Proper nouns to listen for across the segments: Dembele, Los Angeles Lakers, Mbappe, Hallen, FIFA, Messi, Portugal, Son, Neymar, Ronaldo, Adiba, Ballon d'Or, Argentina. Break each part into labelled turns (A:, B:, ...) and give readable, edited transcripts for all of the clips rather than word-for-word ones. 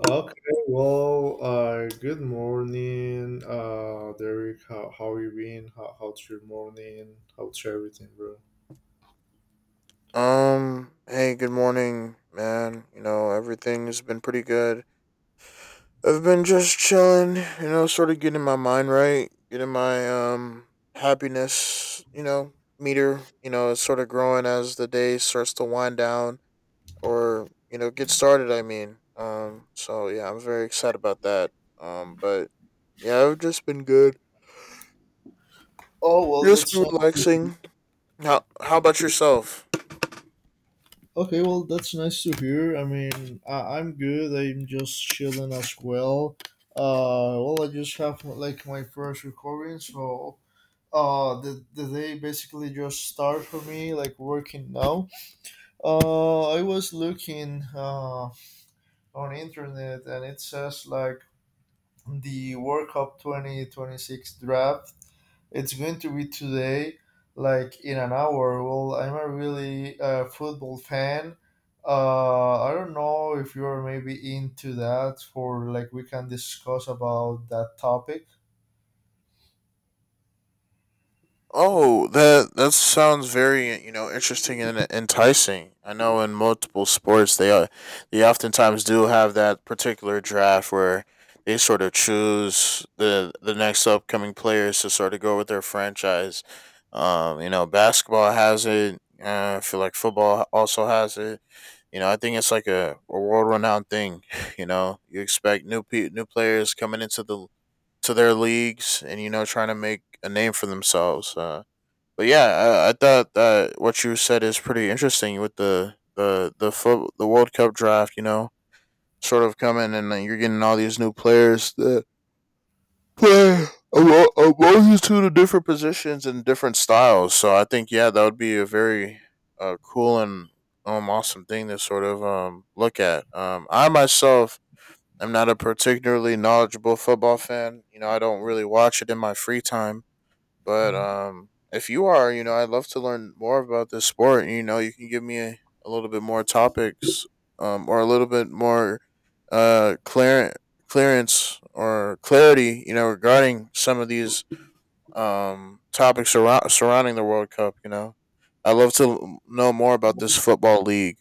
A: Okay, well, good morning, Derek. How you been? How's your morning? How's everything, bro?
B: Hey, good morning, man. You know, everything's been pretty good. I've been just chilling, you know, sort of getting my mind right, getting my happiness, you know, meter, you know, it's sort of growing as the day starts to wind down or, you know, get started, I mean. So yeah, I'm very excited about that. But yeah, I've just been good.
A: Oh, well,
B: Just
A: that's
B: been
A: nice.
B: relaxing. How about yourself?
A: Okay, well, that's nice to hear. I mean, I'm good. I'm just chilling as well. Well, I just have like my first recording, so the day basically just start for me, like working now. I was looking on internet, and it says like the World Cup 2026 draft. It's going to be today, like in an hour. Well, I'm a really football fan. I don't know if you're maybe into that, for like we can discuss about that topic.
B: Oh, that sounds very, you know, interesting and enticing. I know in multiple sports they oftentimes do have that particular draft where they sort of choose the next upcoming players to sort of go with their franchise. You know, basketball has it. I feel like football also has it. You know, I think it's like a world renowned thing. You know, you expect new players coming into the to their leagues, and you know, trying to make a name for themselves. But yeah, I thought that what you said is pretty interesting with the World Cup draft. You know, sort of coming, and then you're getting all these new players that play a multitude of different positions and different styles. So I think yeah, that would be a very cool and awesome thing to sort of look at. I myself am not a particularly knowledgeable football fan. You know, I don't really watch it in my free time, but if you are, you know, I'd love to learn more about this sport. You know, you can give me a little bit more topics, or a little bit more uh clear, clearance or clarity, you know, regarding some of these surrounding the World Cup. You know, I'd love to know more about this football league.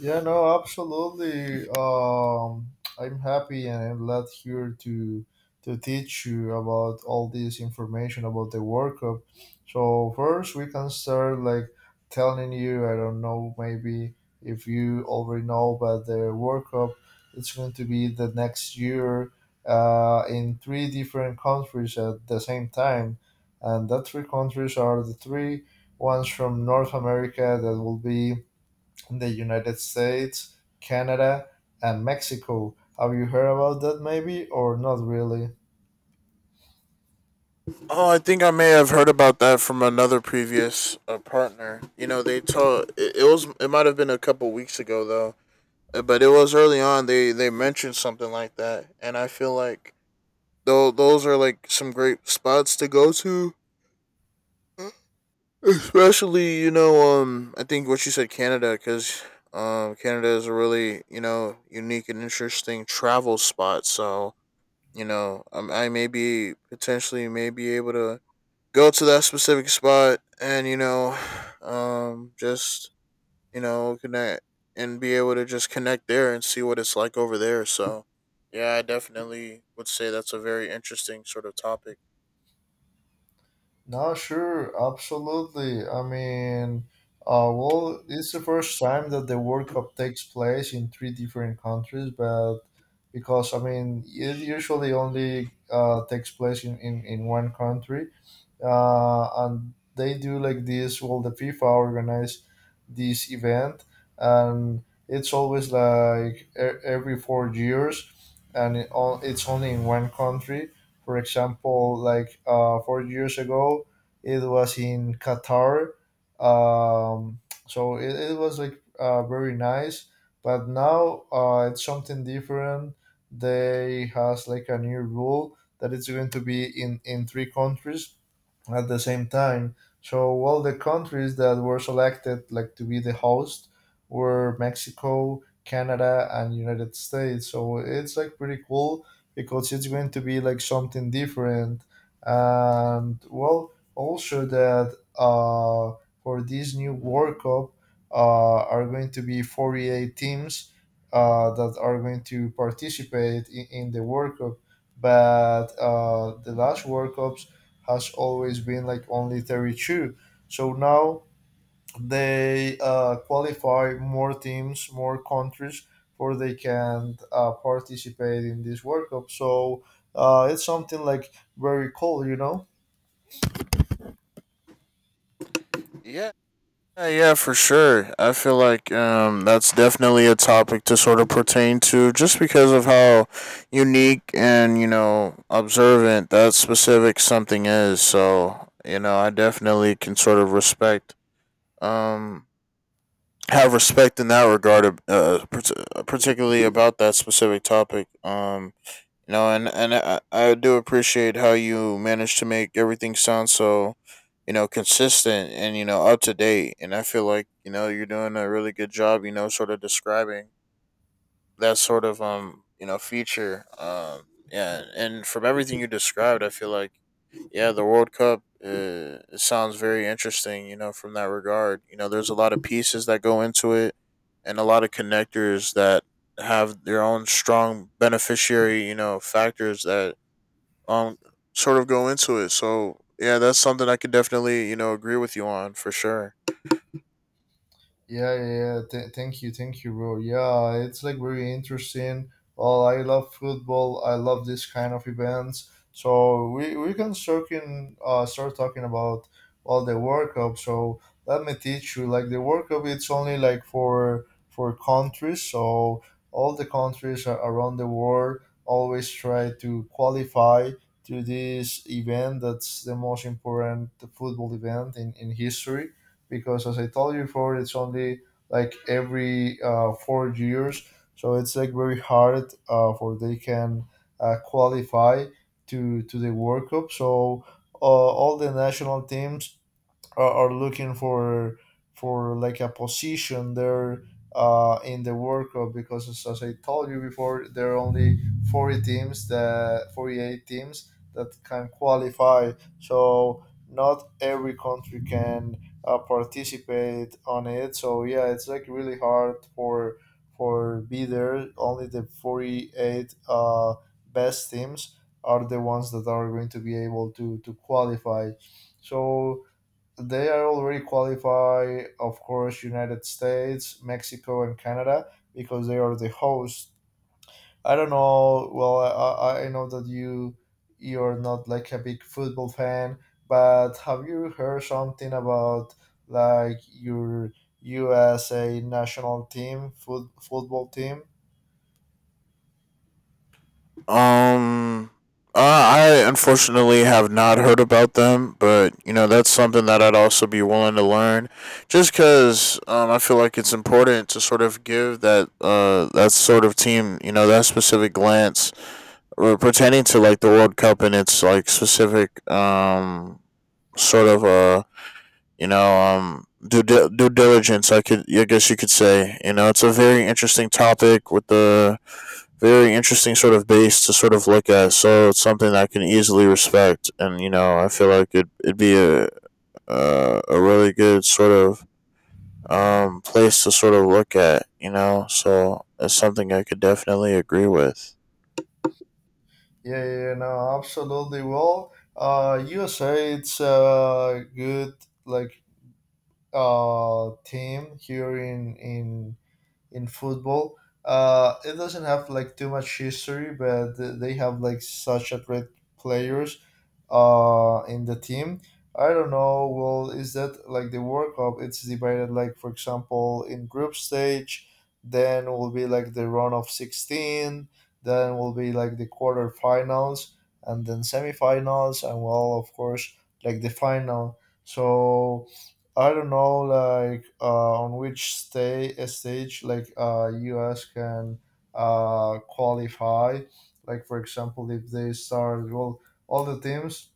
A: Yeah, no, absolutely. I'm happy and I'm glad here to teach you about all this information about the World Cup. So first, we can start like telling you. I don't know, maybe if you already know, but the World Cup, it's going to be the next year in three different countries at the same time, and that three countries are the three ones from North America that will be the United States, Canada, and Mexico. Have you heard about that maybe or not really?
B: Oh, I think I may have heard about that from another previous partner. You know, they told, it was, it might have been a couple weeks ago though, but it was early on. They mentioned something like that, and I feel like though those are like some great spots to go to, especially, you know, um, I think what you said, Canada, because um, Canada is a really, you know, unique and interesting travel spot. So, you know, I may be potentially may be able to go to that specific spot, and you know, um, just, you know, connect and be able to just connect there and see what it's like over there. So yeah, I definitely would say that's a very interesting sort of topic.
A: No, sure, absolutely. I mean, well, it's the first time that the World Cup takes place in three different countries, but because I mean, it usually only takes place in one country. And they do like this. Well, the FIFA organize this event, and it's always like every 4 years, and it's only in one country. For example, like 4 years ago, it was in Qatar. Um, so it was like very nice, but now it's something different. They has like a new rule that it's going to be in three countries at the same time. So all the countries that were selected like to be the host were Mexico, Canada, and United States. So it's like pretty cool because it's going to be like something different. And well, also that for this new World Cup are going to be 48 teams that are going to participate in the World Cup. But the last World Cup has always been like only 32. So now they qualify more teams, more countries, for they can participate in this World Cup. So it's something like very cool.
B: Yeah. Yeah, yeah, for sure. I feel like that's definitely a topic to sort of pertain to, just because of how unique and, you know, observant that specific something is. So, you know, I definitely can sort of respect, um, have respect in that regard, particularly about that specific topic. You know, and and I do appreciate how you managed to make everything sound so, you know, consistent and, you know, up to date. And I feel like, you know, you're doing a really good job. You know, sort of describing that sort of um, you know, feature, um, yeah. And from everything you described, I feel like yeah, the World Cup, it sounds very interesting, you know, from that regard. You know, there's a lot of pieces that go into it, and a lot of connectors that have their own strong beneficiary, you know, factors that um, sort of go into it. So yeah, that's something I could definitely, you know, agree with you on for sure.
A: Yeah, yeah, yeah. Thank you, bro. Yeah, it's like very interesting. Well, I love football. I love this kind of events. So we can start start talking about well the World Cup. So let me teach you. Like the World Cup, it's only like for countries. So all the countries around the world always try to qualify to this event. That's the most important football event in history because as I told you before, it's only like every 4 years, so it's like very hard for they can qualify to the World Cup. So all the national teams are looking for like a position there in the World Cup because as I told you before, there are only 48 teams that can qualify. So not every country can participate on it. So yeah, it's like really hard for be there. Only the 48 best teams are the ones that are going to be able to qualify. So they are already qualify, of course, United States, Mexico, and Canada because they are the host. I don't know. Well, I know that you're not like a big football fan, but have you heard something about like your USA national team, football team?
B: Um, I unfortunately have not heard about them, but you know, that's something that I'd also be willing to learn, just because I feel like it's important to sort of give that that sort of team, you know, that specific glance, pertaining to like the World Cup and its like specific um, sort of uh, you know, due diligence, I could, I guess you could say. You know, it's a very interesting topic with a very interesting sort of base to sort of look at. So it's something that I can easily respect, and you know, I feel like it it'd be a really good sort of um, place to sort of look at. You know, so it's something I could definitely agree with.
A: Yeah, yeah, yeah, no, absolutely. Well, USA, it's a good like team here in football. It doesn't have like too much history, but they have like such a great players in the team. I don't know. Well, is that like the World Cup? It's divided like, for example, in group stage, then will be like the round of 16, then will be like the quarterfinals, and then semifinals, and well, of course, like the final. So I don't know, like on which stay stage like U.S. can qualify. Like for example, if they start well, all the teams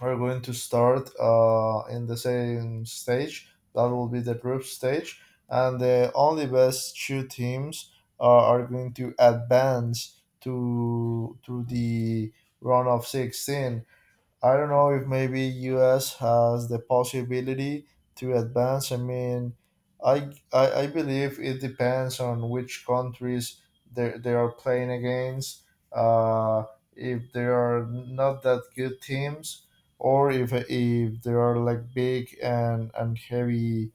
A: are going to start in the same stage. That will be the group stage, and the only best two teams are going to advance to the round of 16. I don't know if maybe US has the possibility to advance. I mean, I believe it depends on which countries they are playing against. Uh, if they are not that good teams, or if they are like big and heavy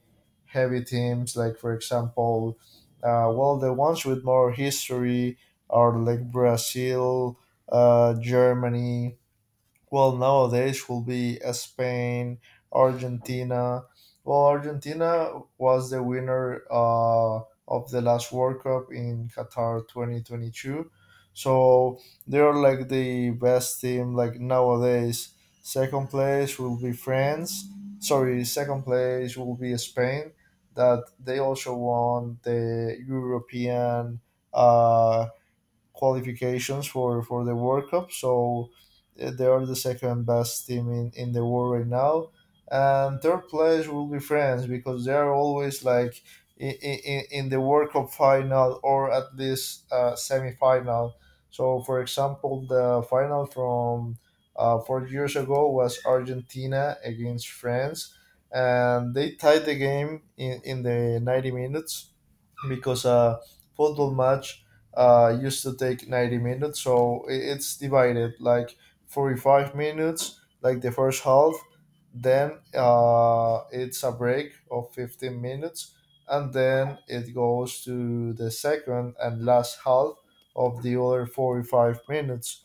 A: heavy teams, like for example, well, the ones with more history are like Brazil, Germany, well, nowadays will be Spain, Argentina. Well, Argentina was the winner of the last World Cup in Qatar 2022. So they are like the best team like nowadays. Second place will be France. Sorry, second place will be Spain. That they also won the European uh, qualifications for the World Cup. So they are the second best team in the world right now. And third place will be France because they are always like in the World Cup final or at least semi final. So, for example, the final from 4 years ago was Argentina against France. And they tied the game in the 90 minutes because a football match used to take 90 minutes. So it's divided like 45 minutes like the first half, then it's a break of 15 minutes, and then it goes to the second and last half of the other 45 minutes.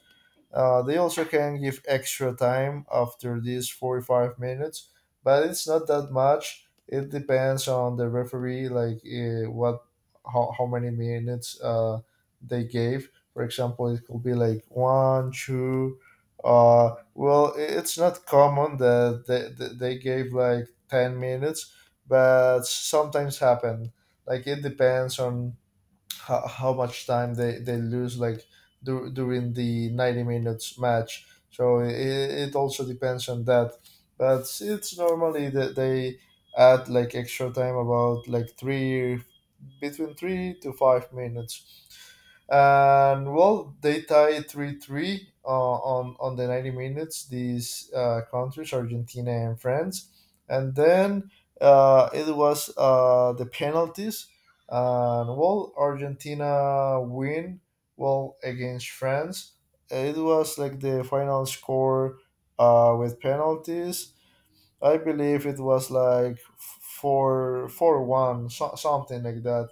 A: They also can give extra time after these 45 minutes, but it's not that much. It depends on the referee, like what, how many minutes they gave. For example, it could be like one, two. Well, it's not common that they gave like 10 minutes, but sometimes happen. Like it depends on how much time they lose like during the 90 minutes match. So it also depends on that, but it's normally that they add like extra time about like 3 to 5 minutes. And well, they tie 3-3 on the 90 minutes, these countries Argentina and france. And then it was the penalties, and well, Argentina win well against France. It was like the final score with penalties. I believe it was like 4-4-1, so something like that.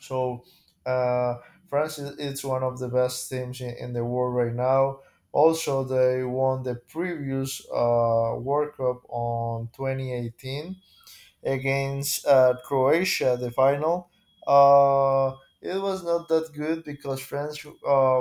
A: So uh, France, is it's one of the best teams in the world right now. Also, they won the previous World Cup on 2018 against Croatia, the final. It was not that good because France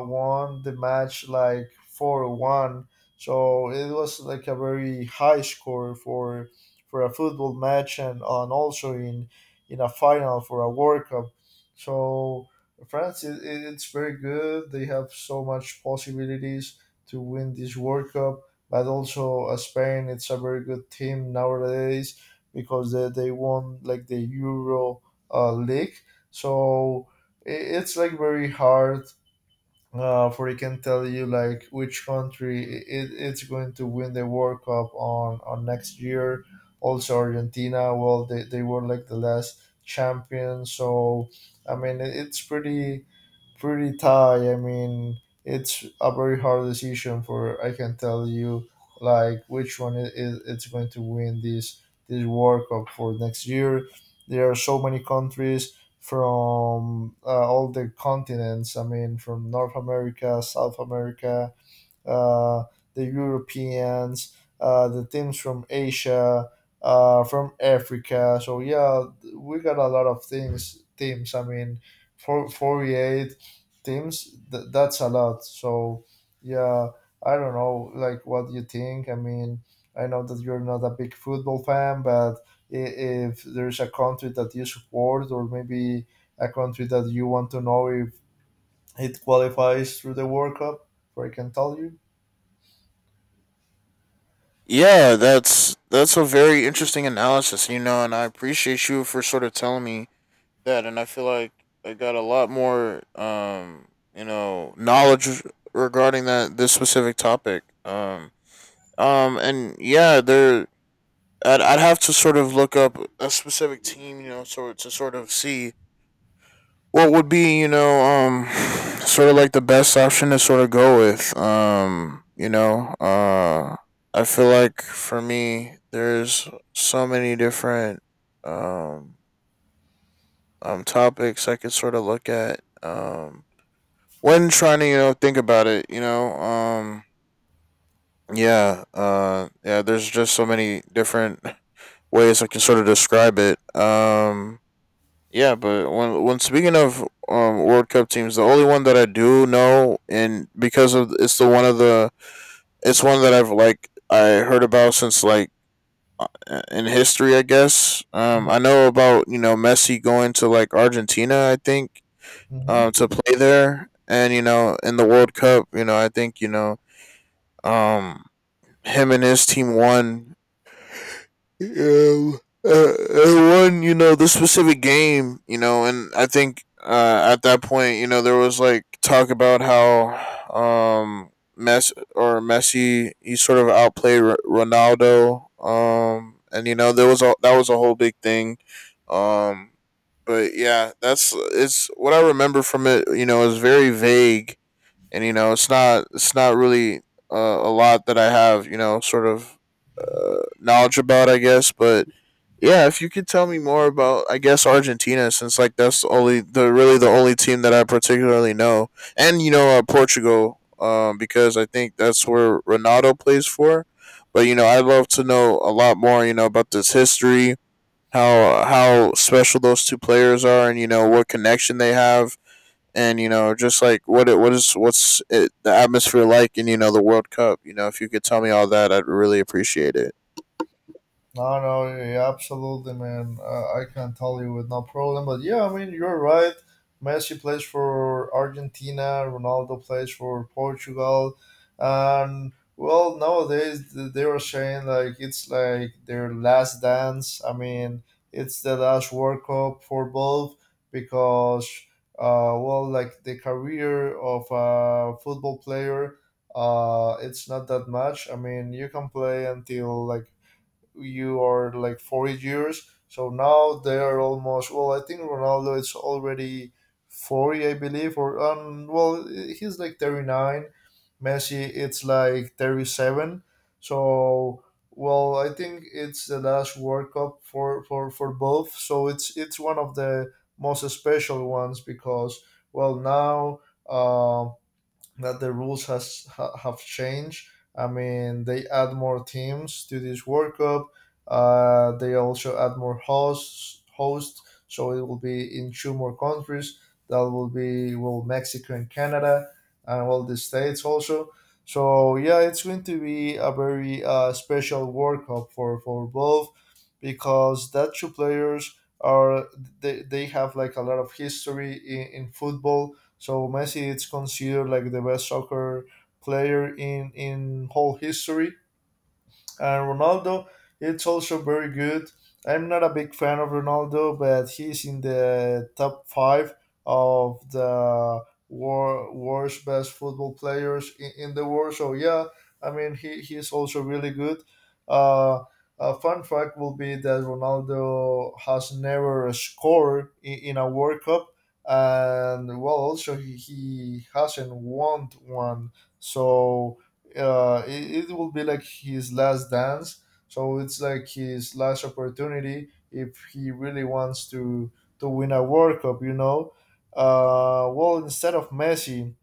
A: won the match like 4-1. So it was like a very high score for a football match, and also in a final for a World Cup. So France, it's very good. They have so much possibilities to win this World Cup, but also Spain, it's a very good team nowadays because they won like the Euro League. So I it's like very hard for I can tell you like which country it's going to win the World Cup on next year. Also Argentina, well they were like the last champion. So I mean, it's pretty tight. I mean, it's a very hard decision for I can tell you like which one is it's going to win this World Cup for next year. There are so many countries from all the continents. I mean, from North America, South America, uh, the Europeans, the teams from Asia, from Africa. So yeah, we got a lot of things teams. I mean, for, 48 teams. That's a lot. So yeah, I don't know, like what you think. I mean, I know that you're not a big football fan, but i- if there's a country that you support, or maybe a country that you want to know if it qualifies through the World Cup, or I can tell you.
B: Yeah, that's a very interesting analysis, you know, and I appreciate you for sort of telling me that, and I feel like I got a lot more um, you know, knowledge regarding that, this specific topic. Um, and yeah, there, I'd have to sort of look up a specific team, you know, so to sort of see what would be, you know, um, sort of like the best option to sort of go with. Um, you know, uh, I feel like for me, there's so many different um, um, topics I could sort of look at, um, when trying to, you know, think about it, you know, um, yeah. Yeah, there's just so many different ways I can sort of describe it. Um, yeah, but when speaking of um, World Cup teams, the only one that I do know, and because of it's the one of the it's one that I've, like, I heard about since like, uh, in history, I guess. Um, I know about, you know, Messi going to like Argentina, I think,
A: Hmm.
B: um, to play there. And you know, in the World Cup, you know, I think, you know, um, him and his team won. Um, uh, uh, won, you know, the specific game, you know. And I think at that point, you know, there was like talk about how um, Messi, he sort of outplayed Ronaldo, and you know, there was a, that was a whole big thing, um. But yeah, that's, it's what I remember from it. You know, is very vague, and you know, it's not, it's not really uh, a lot that I have, you know, sort of knowledge about, I guess. But yeah, if you could tell me more about, I guess, Argentina, since like that's the really the only team that I particularly know. And you know, Portugal, because I think that's where Ronaldo plays for. But you know, I'd love to know a lot more, you know, about this history, how special those two players are, and you know, what connection they have. And you know, just like what it, what is what's it, the atmosphere like in, you know, the World Cup. You know, if you could tell me all that, I'd really appreciate it.
A: No, no, yeah, absolutely, man. I can tell you with no problem. But yeah, I mean, you're right. Messi plays for Argentina. Ronaldo plays for Portugal. And well, nowadays they were saying like it's like their last dance. I mean, it's the last World Cup for both because, well, like the career of a football player it's not that much. I mean, you can play until like you are like 40 years. So now they're almost, well, I think Ronaldo is already 40, I believe, or, well, he's like 39. Messi, it's like 37. So, well, I think it's the last World Cup for, for both. So it's one of the most special ones because, well, now, um, that the rules have changed. I mean, they add more teams to this World Cup. They also add more hosts, so it will be in two more countries. That will be, well, Mexico and Canada, and all the states also. So yeah, it's going to be a very special World Cup for both, because that two players are, they have like a lot of history in football. So Messi, it's considered like the best soccer player in whole history. And Ronaldo, it's also very good. I'm not a big fan of Ronaldo, but he's in the top five of the worst best football players in the world. So yeah, I mean he's also really good. Uh, a fun fact will be that Ronaldo has never scored in a World Cup, and well, also he hasn't won one. So it will be like his last dance. So it's like his last opportunity if he really wants to win a World Cup, you know. Well, instead of Messi,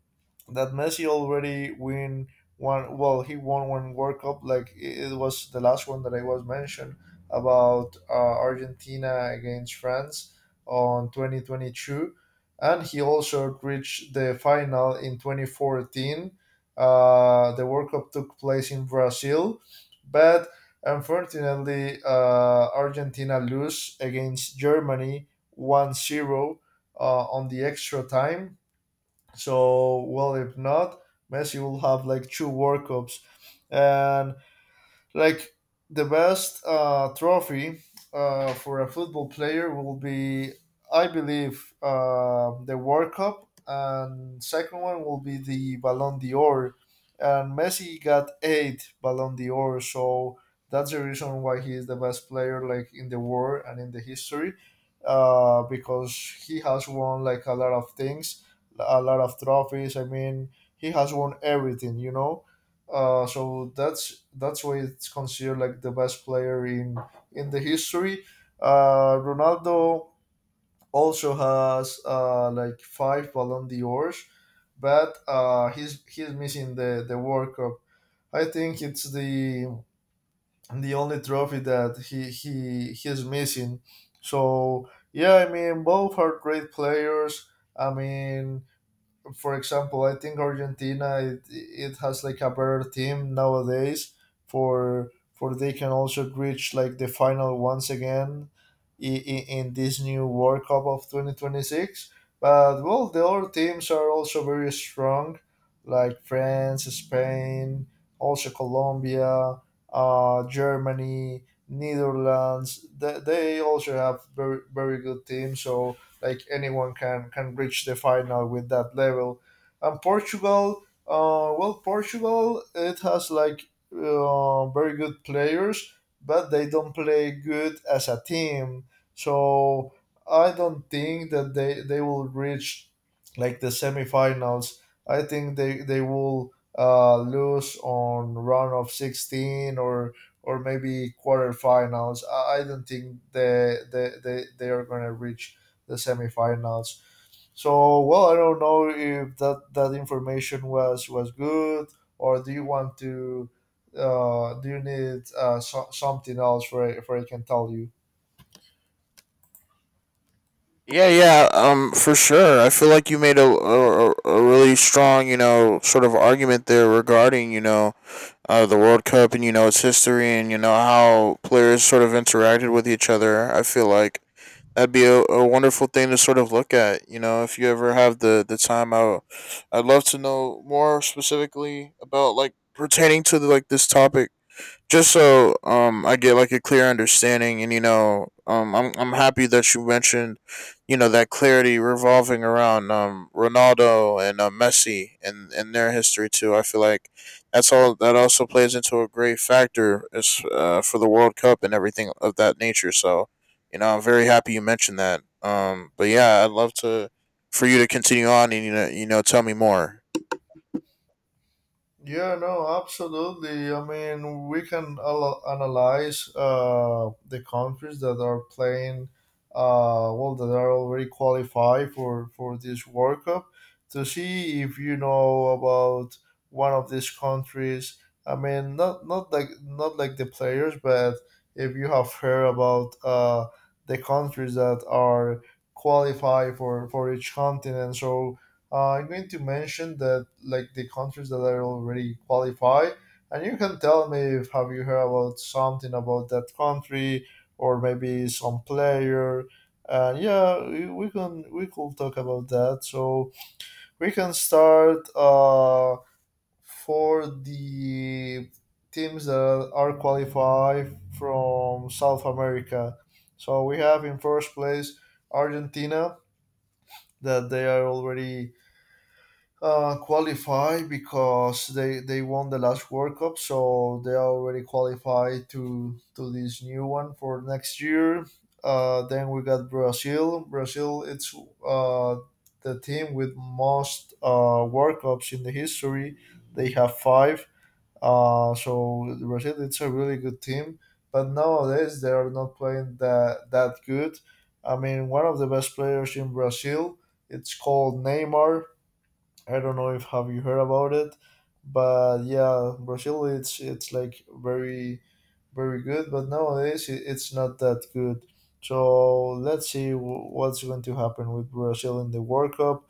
A: that Messi already win one. Well, he won one World Cup. Like it was the last one that I was mentioned about Argentina against France on 2022, and he also reached the final in 2014. The World Cup took place in Brazil, but unfortunately, Argentina lose against Germany 1-0. 0 on the extra time. So, well, if not, Messi will have like two World Cups. And like the best trophy for a football player will be, I believe, the World Cup, and second one will be the Ballon d'Or. And Messi got eight Ballon d'Or, so that's the reason why he is the best player like in the world and in the history, because he has won like a lot of things, a lot of trophies. I mean, he has won everything, so that's why it's considered like the best player in the history. Ronaldo also has like five Ballon d'Ors, but he's missing the World Cup. I think it's the only trophy that he's missing. So yeah, I mean both are great players. I mean for example, I think Argentina it has like a better team nowadays for they can also reach like the final once again in this new World Cup of 2026. But well, the other teams are also very strong, like France, Spain, also Colombia, Germany, Netherlands. They also have very very good teams. So like anyone can reach the final with that level. And Portugal, well, Portugal it has like very good players, but they don't play good as a team. So I don't think that they will reach like the semifinals. I think they will lose on round of 16 or maybe quarterfinals. I don't think they are gonna reach the semifinals. So, well, I don't know if that information was good, or do you want to do you need something else for I can tell you?
B: Yeah, yeah, for sure. I feel like you made a really strong, you know, sort of argument there regarding, you know, the World Cup, and you know, its history, and you know, how players sort of interacted with each other. I feel like that'd be a wonderful thing to sort of look at. You know, if you ever have the time, I would, I'd love to know more specifically about, like, pertaining to the, like, this topic, just so um, I get like a clear understanding. And you know, I'm happy that you mentioned, you know, that clarity revolving around um, Ronaldo and Messi and their history too. I feel like that's all, that also plays into a great factor is for the World Cup and everything of that nature. So, you know, I'm very happy you mentioned that. But yeah, I'd love to, for you to continue on, and you know, you know, tell me more.
A: Yeah, no, absolutely. I mean, we can analyze the countries that are playing, well, that are already qualified for, this World Cup to see if you know about one of these countries. I mean, not not like the players, but if you have heard about the countries that are qualified for, each continent. So I'm going to mention that like the countries that are already qualified, and you can tell me if have you heard about something about that country or maybe some player. And yeah, we can we could talk about that. So we can start for the teams that are qualified from South America. So we have in first place Argentina, that they are already qualify because they won the last World Cup, so they already qualified to this new one for next year. Then we got Brazil. Brazil, it's uh, the team with most World Cups in the history. They have five. So Brazil, it's a really good team, but nowadays they are not playing that good. I mean, one of the best players in Brazil, it's called Neymar. I don't know if have you heard about it, but yeah, Brazil it's like very good, but nowadays it's not that good. So let's see what's going to happen with Brazil in the World Cup.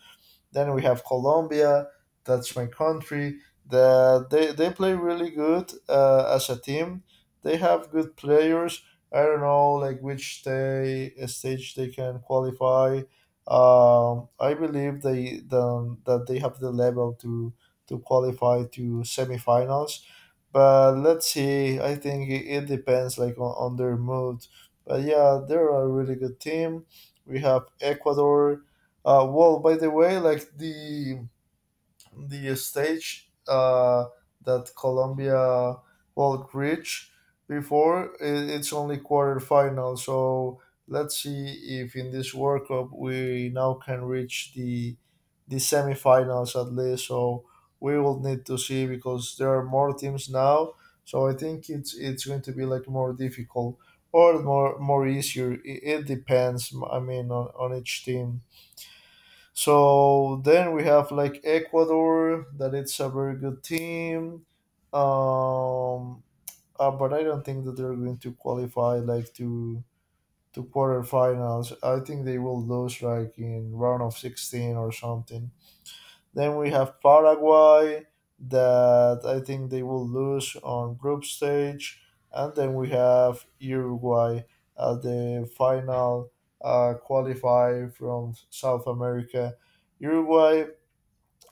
A: Then we have Colombia, that's my country. They play really good as a team. They have good players. I don't know like which day stage they can qualify. I believe that they have the level to qualify to semifinals. But let's see. I think it depends like on their mood. But yeah, they're a really good team. We have Ecuador. Well, by the way, like the stage that Colombia will reach before, it's only quarterfinal. So let's see if in this World Cup we now can reach the semifinals at least. So we will need to see because there are more teams now. So I think it's going to be like more difficult or more more easier. It depends. I mean, on each team. So then we have like Ecuador, that it's a very good team, um, but I don't think that they're going to qualify like to quarterfinals. I think they will lose like in round of 16 or something. Then we have Paraguay, that I think they will lose on group stage, and then we have Uruguay at the final qualify from South America. Uruguay,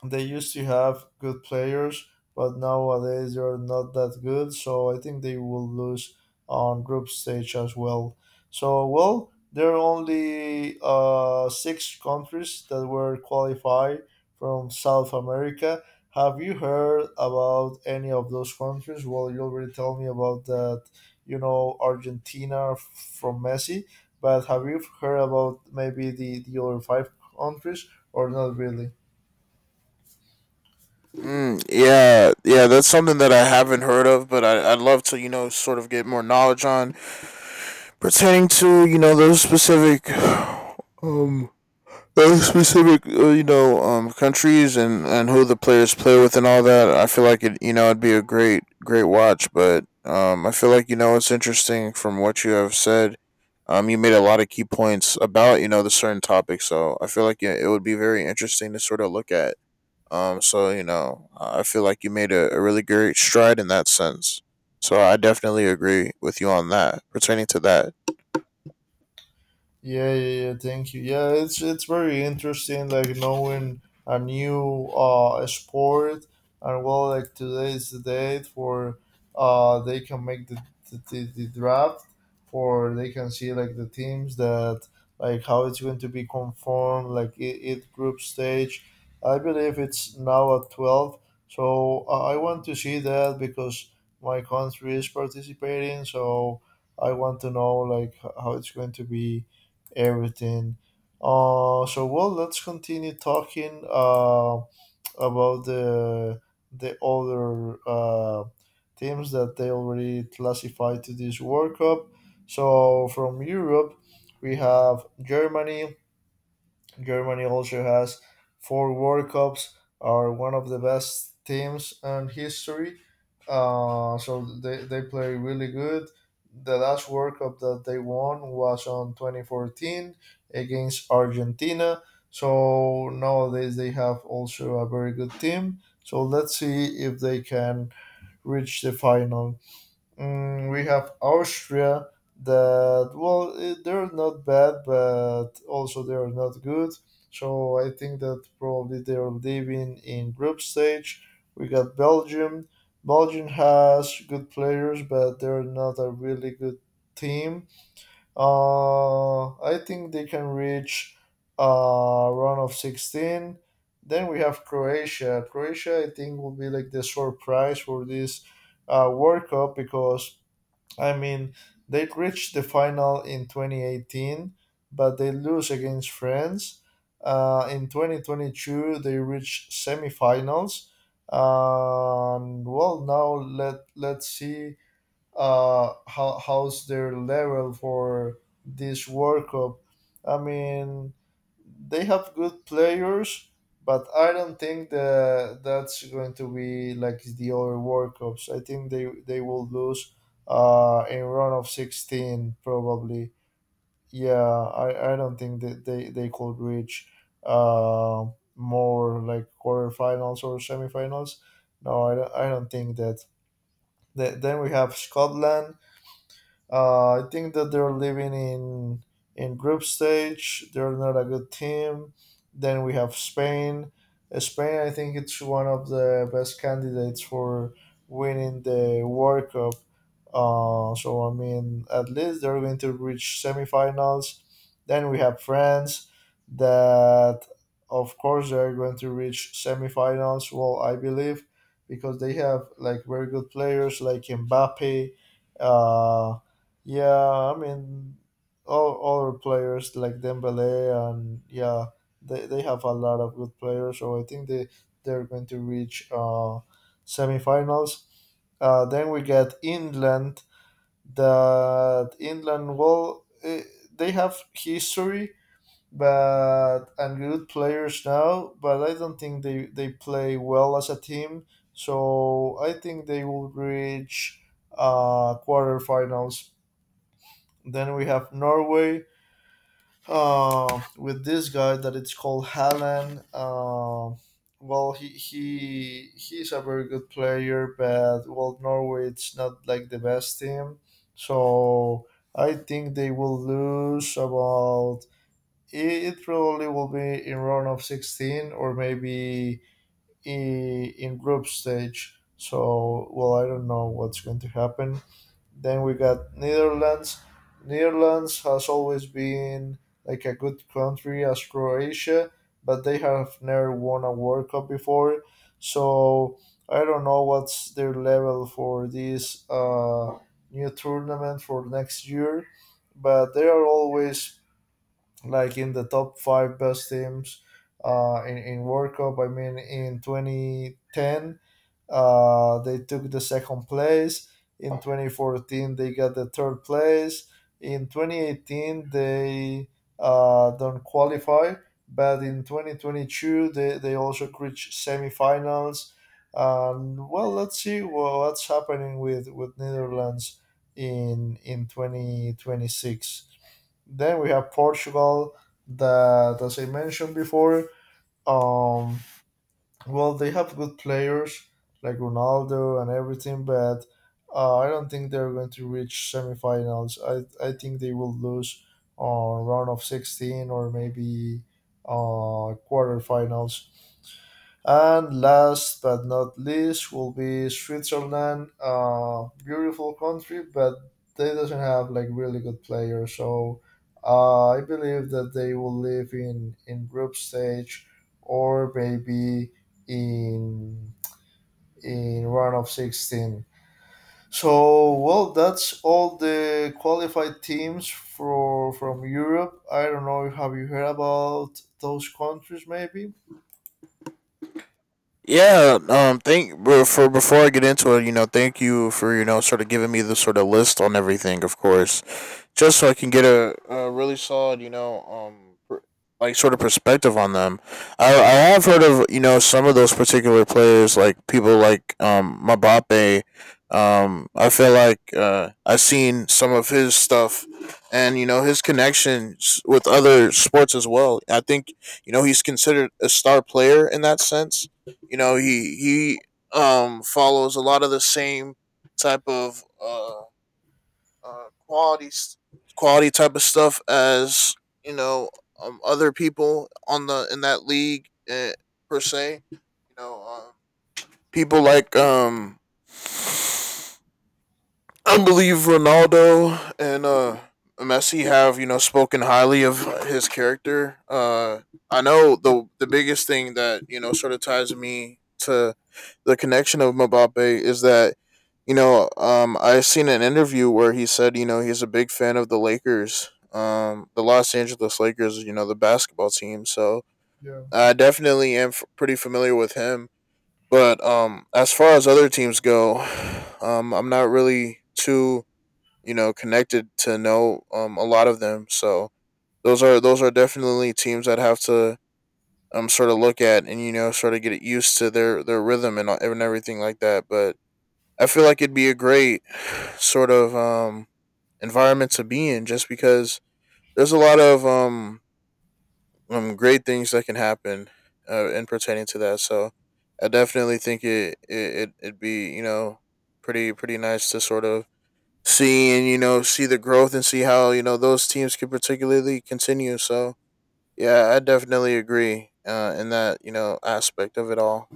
A: they used to have good players, but nowadays they're not that good. So I think they will lose on group stage as well. So well, there are only six countries that were qualified from South America. Have you heard about any of those countries? Well, you already told me about that. You know Argentina from Messi, but have you heard about maybe the other five countries or not really?
B: Mm, yeah, yeah, that's something that I haven't heard of, but I'd love to, you know, sort of get more knowledge on pertaining to, you know, those specific, um, those specific, you know, countries, and who the players play with, and all that. I feel like it, you know, it'd be a great, great watch. But I feel like, you know, it's interesting from what you have said. You made a lot of key points about, you know, the certain topics. So I feel like yeah, it would be very interesting to sort of look at. So you know, I feel like you made a really great stride in that sense. So I definitely agree with you on that. Pertaining to that,
A: Yeah, yeah, yeah. Thank you. Yeah, it's very interesting, like knowing a new sport, and well, like today's the date for they can make the the draft, for they can see like the teams that like how it's going to be conformed, like it group stage. I believe it's now at 12, so I want to see that because my country is participating, so I want to know like how it's going to be everything. So well, let's continue talking about the other teams that they already classified to this World Cup. So from Europe, we have Germany. Germany also has four World Cups, are one of the best teams in history. So they play really good. The last World Cup that they won was on 2014 against Argentina. So nowadays they have also a very good team. So let's see if they can reach the final. Mm, we have Austria, that well, they're not bad but also they're not good, so I think that probably they're leaving in group stage. We got Belgium. Belgium has good players but they're not a really good team. I think they can reach a run of 16. Then we have Croatia. Croatia, I think will be like the surprise for this World Cup because I mean, they reached the final in 2018, but they lose against France. In 2022, they reached semifinals. And well, now let's see how how's their level for this World Cup. I mean, they have good players, but I don't think that that's going to be like the other World Cups. I think they will lose in round of 16 probably. Yeah, I don't think that they could reach uh, more like quarterfinals or semifinals. No, I don't think that. Then we have Scotland. I think that they're living in group stage. They're not a good team. Then we have Spain. Spain, I think it's one of the best candidates for winning the World Cup. So I mean, at least they're going to reach semifinals. Then we have France, that of course they're going to reach semifinals. Well, I believe because they have like very good players like Mbappe. Uh, yeah, I mean, all other players like Dembele and yeah, they have a lot of good players. So I think they're going to reach semifinals. Then we get England. That England, they have history, but and good players now. But I don't think they play well as a team. So I think they will reach quarterfinals. Then we have Norway with this guy that it's called Hallen. Well, he's a very good player, but well, Norway it's not like the best team, so I think they will lose about. It probably will be in round of 16 or maybe in group stage. So well, I don't know what's going to happen. Then we got Netherlands. Netherlands has always been like a good country as Croatia, but they have never won a World Cup before. So I don't know what's their level for this new tournament for next year, but they are always like in the top five best teams in World Cup. I mean, in 2010 they took the second place. In 2014, they got the third place. In 2018, they don't qualify, but in 2022, they also reached semifinals. And well, let's see what's happening with Netherlands in 2026. Then we have Portugal that, as I mentioned before, um, well, they have good players like Ronaldo and everything, but I don't think they're going to reach semifinals. I think they will lose on round of 16 or maybe quarterfinals. And last but not least will be Switzerland, beautiful country, but they doesn't have like really good players. So I believe that they will live in group stage or maybe in in round of 16. So well, that's all the qualified teams for from Europe. I don't know. Have you heard about those countries? Maybe.
B: yeah. Thank but for before I get into it, you know, thank you for, you know, sort of giving me the sort of list on everything. Of course, just so I can get a really solid, you know, like sort of perspective on them. I have heard of you know some of those particular players, like people like Mbappe. I feel like I've seen some of his stuff, and you know his connections with other sports as well. I think you know he's considered a star player in that sense. You know he follows a lot of the same type of uh, quality quality type of stuff as you know other people on the in that league per se. You know, people like I believe Ronaldo and Messi have you know spoken highly of his character. I know the biggest thing that you know sort of ties me to the connection of Mbappe is that you know I seen an interview where he said you know he's a big fan of the Lakers, the Los Angeles Lakers, you know the basketball team. So
A: Yeah.
B: I definitely am pretty familiar with him. But as far as other teams go, I'm not really too you know connected to know a lot of them. So those are definitely teams that have to sort of look at and you know sort of get used to their rhythm and everything like that. But I feel like it'd be a great sort of environment to be in just because there's a lot of great things that can happen in pertaining to that. So I definitely think it'd be you know pretty nice to sort of see and you know see the growth and see how you know those teams can particularly continue. So yeah, I definitely agree in that you know aspect of it all.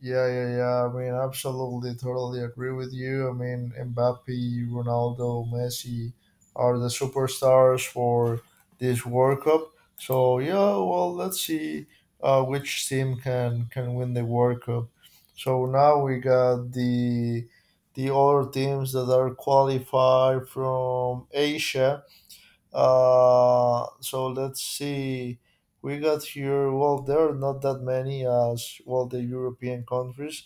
A: Yeah, yeah, yeah. I mean, absolutely, totally agree with you. I mean, Mbappe, Ronaldo, Messi are the superstars for this World Cup. So yeah, well, let's see which team can win the World Cup. So now we got the other teams that are qualified from Asia. So let's see. We got here. Well, there are not that many as well the European countries.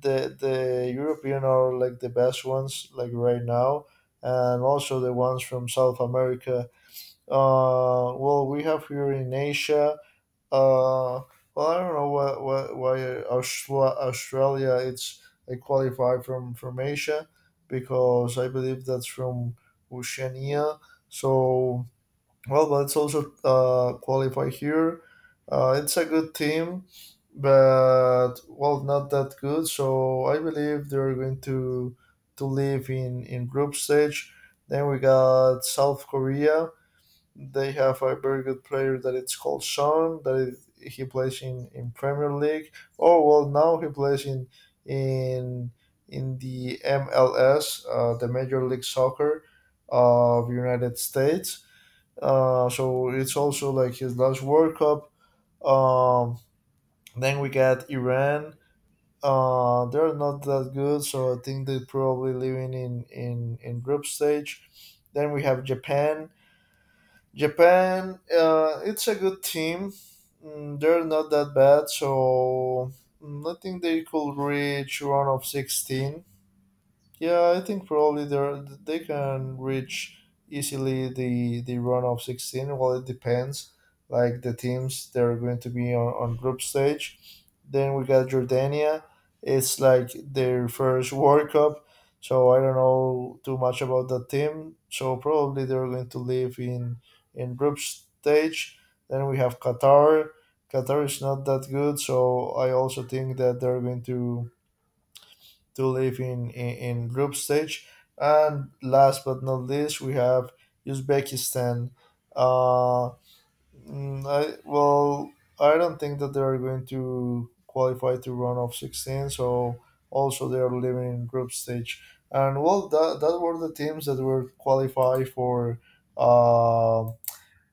A: The European are like the best ones like right now, and also the ones from South America. Well, we have here in Asia. Uh, well, I don't know why Australia it's they qualify from Asia because I believe that's from Oceania. So well, let's also qualify here. It's a good team, but well, not that good. So I believe they're going to live in group stage. Then we got South Korea. They have a very good player that it's called Son. That is, he plays in Premier League. Oh well, now he plays in in the MLS, the Major League Soccer of United States so it's also like his last World Cup. Um, then we got Iran. They're not that good, so I think they're probably living in group stage. Then we have Japan. Japan, it's a good team. Mm, they're not that bad, so mm, I think they could reach round of 16. Yeah, I think probably they can reach easily the run of 16. Well, it depends. Like the teams, they're going to be on group stage. Then we got Jordania. It's like their first World Cup, so I don't know too much about that team. So probably they're going to live in group stage. Then we have Qatar. Qatar is not that good, so I also think that they're going to live in group stage. And last but not least, we have Uzbekistan. Uh, well, I don't think that they are going to qualify to run of 16, so also they are living in group stage. And well, that were the teams that were qualified for uh,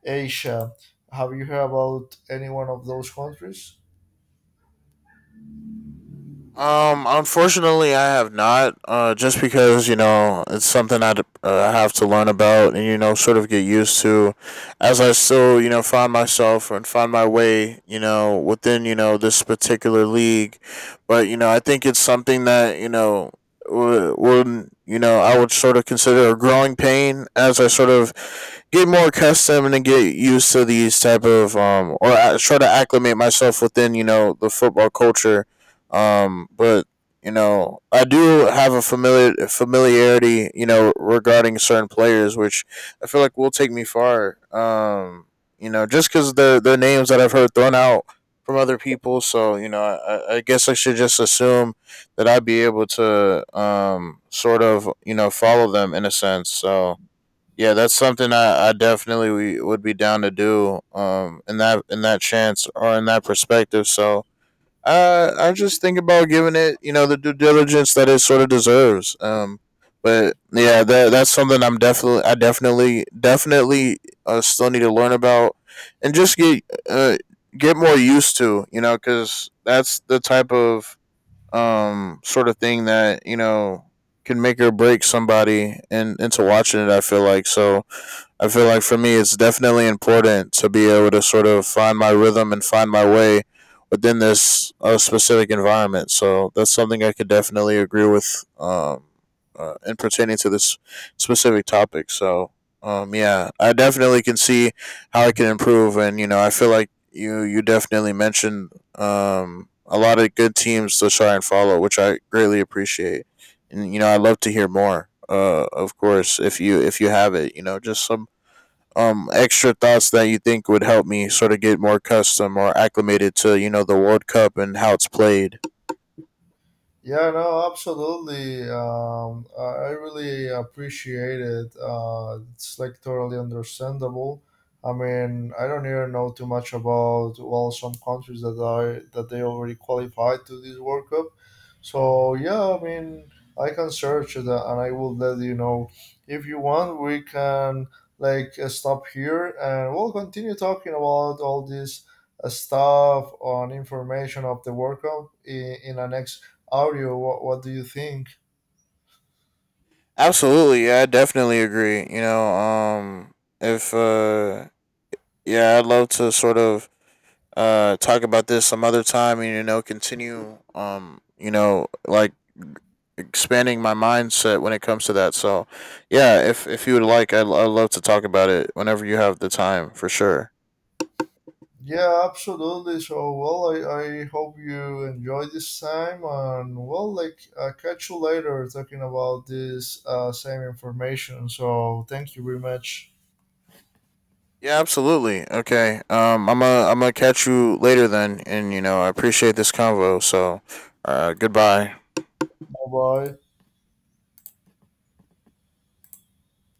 A: Asia. Have you heard about any one of those countries?
B: Unfortunately, I have not. Just because you know it's something I have to learn about and you know sort of get used to, as I still you know find myself and find my way you know within you know this particular league, but you know I think it's something that you know would you know I would sort of consider a growing pain as I sort of get more accustomed and get used to these type of or I try to acclimate myself within you know the football culture but you know, I do have a familiarity, you know, regarding certain players, which I feel like will take me far. You know, just because they're names that I've heard thrown out from other people, so you know, I guess I should just assume that I'd be able to sort of you know follow them in a sense. So yeah, that's something I definitely would be down to do in that chance or in that perspective. So I just think about giving it, you know, the due diligence that it sort of deserves. But yeah, that's something I'm definitely, definitely, still need to learn about, and just uh, get more used to, you know, because that's the type of, sort of thing that you know can make or break somebody and into watching it. I feel like so. I feel like for me, it's definitely important to be able to sort of find my rhythm and find my way within this specific environment. So that's something I could definitely agree with in pertaining to this specific topic. So yeah, I definitely can see how I can improve, and you know, I feel like you definitely mentioned a lot of good teams to try and follow, which I greatly appreciate. And you know, I'd love to hear more. Of course, if you have it, you know, just some extra thoughts that you think would help me sort of get more custom or acclimated to you know the World Cup and how it's played.
A: Yeah, no, absolutely. I really appreciate it. It's like totally understandable. I mean, I don't even know too much about well some countries that are that they already qualified to this World Cup. So yeah, I mean, I can search it and I will let you know. If you want, we can like stop here and we'll continue talking about all this stuff on information of the World Cup in a next audio. What do you think?
B: Absolutely, yeah, I definitely agree. You know, if yeah, I'd love to sort of talk about this some other time and you know continue you know like expanding my mindset when it comes to that so yeah if you would like I'd love to talk about it whenever you have the time for sure
A: Yeah, absolutely. So, I hope you enjoy this time, and well, like, catch you later talking about this same information. So, thank you very much.
B: yeah absolutely okay I'm gonna catch you later then and you know I appreciate this convo so goodbye.
A: Bye bye.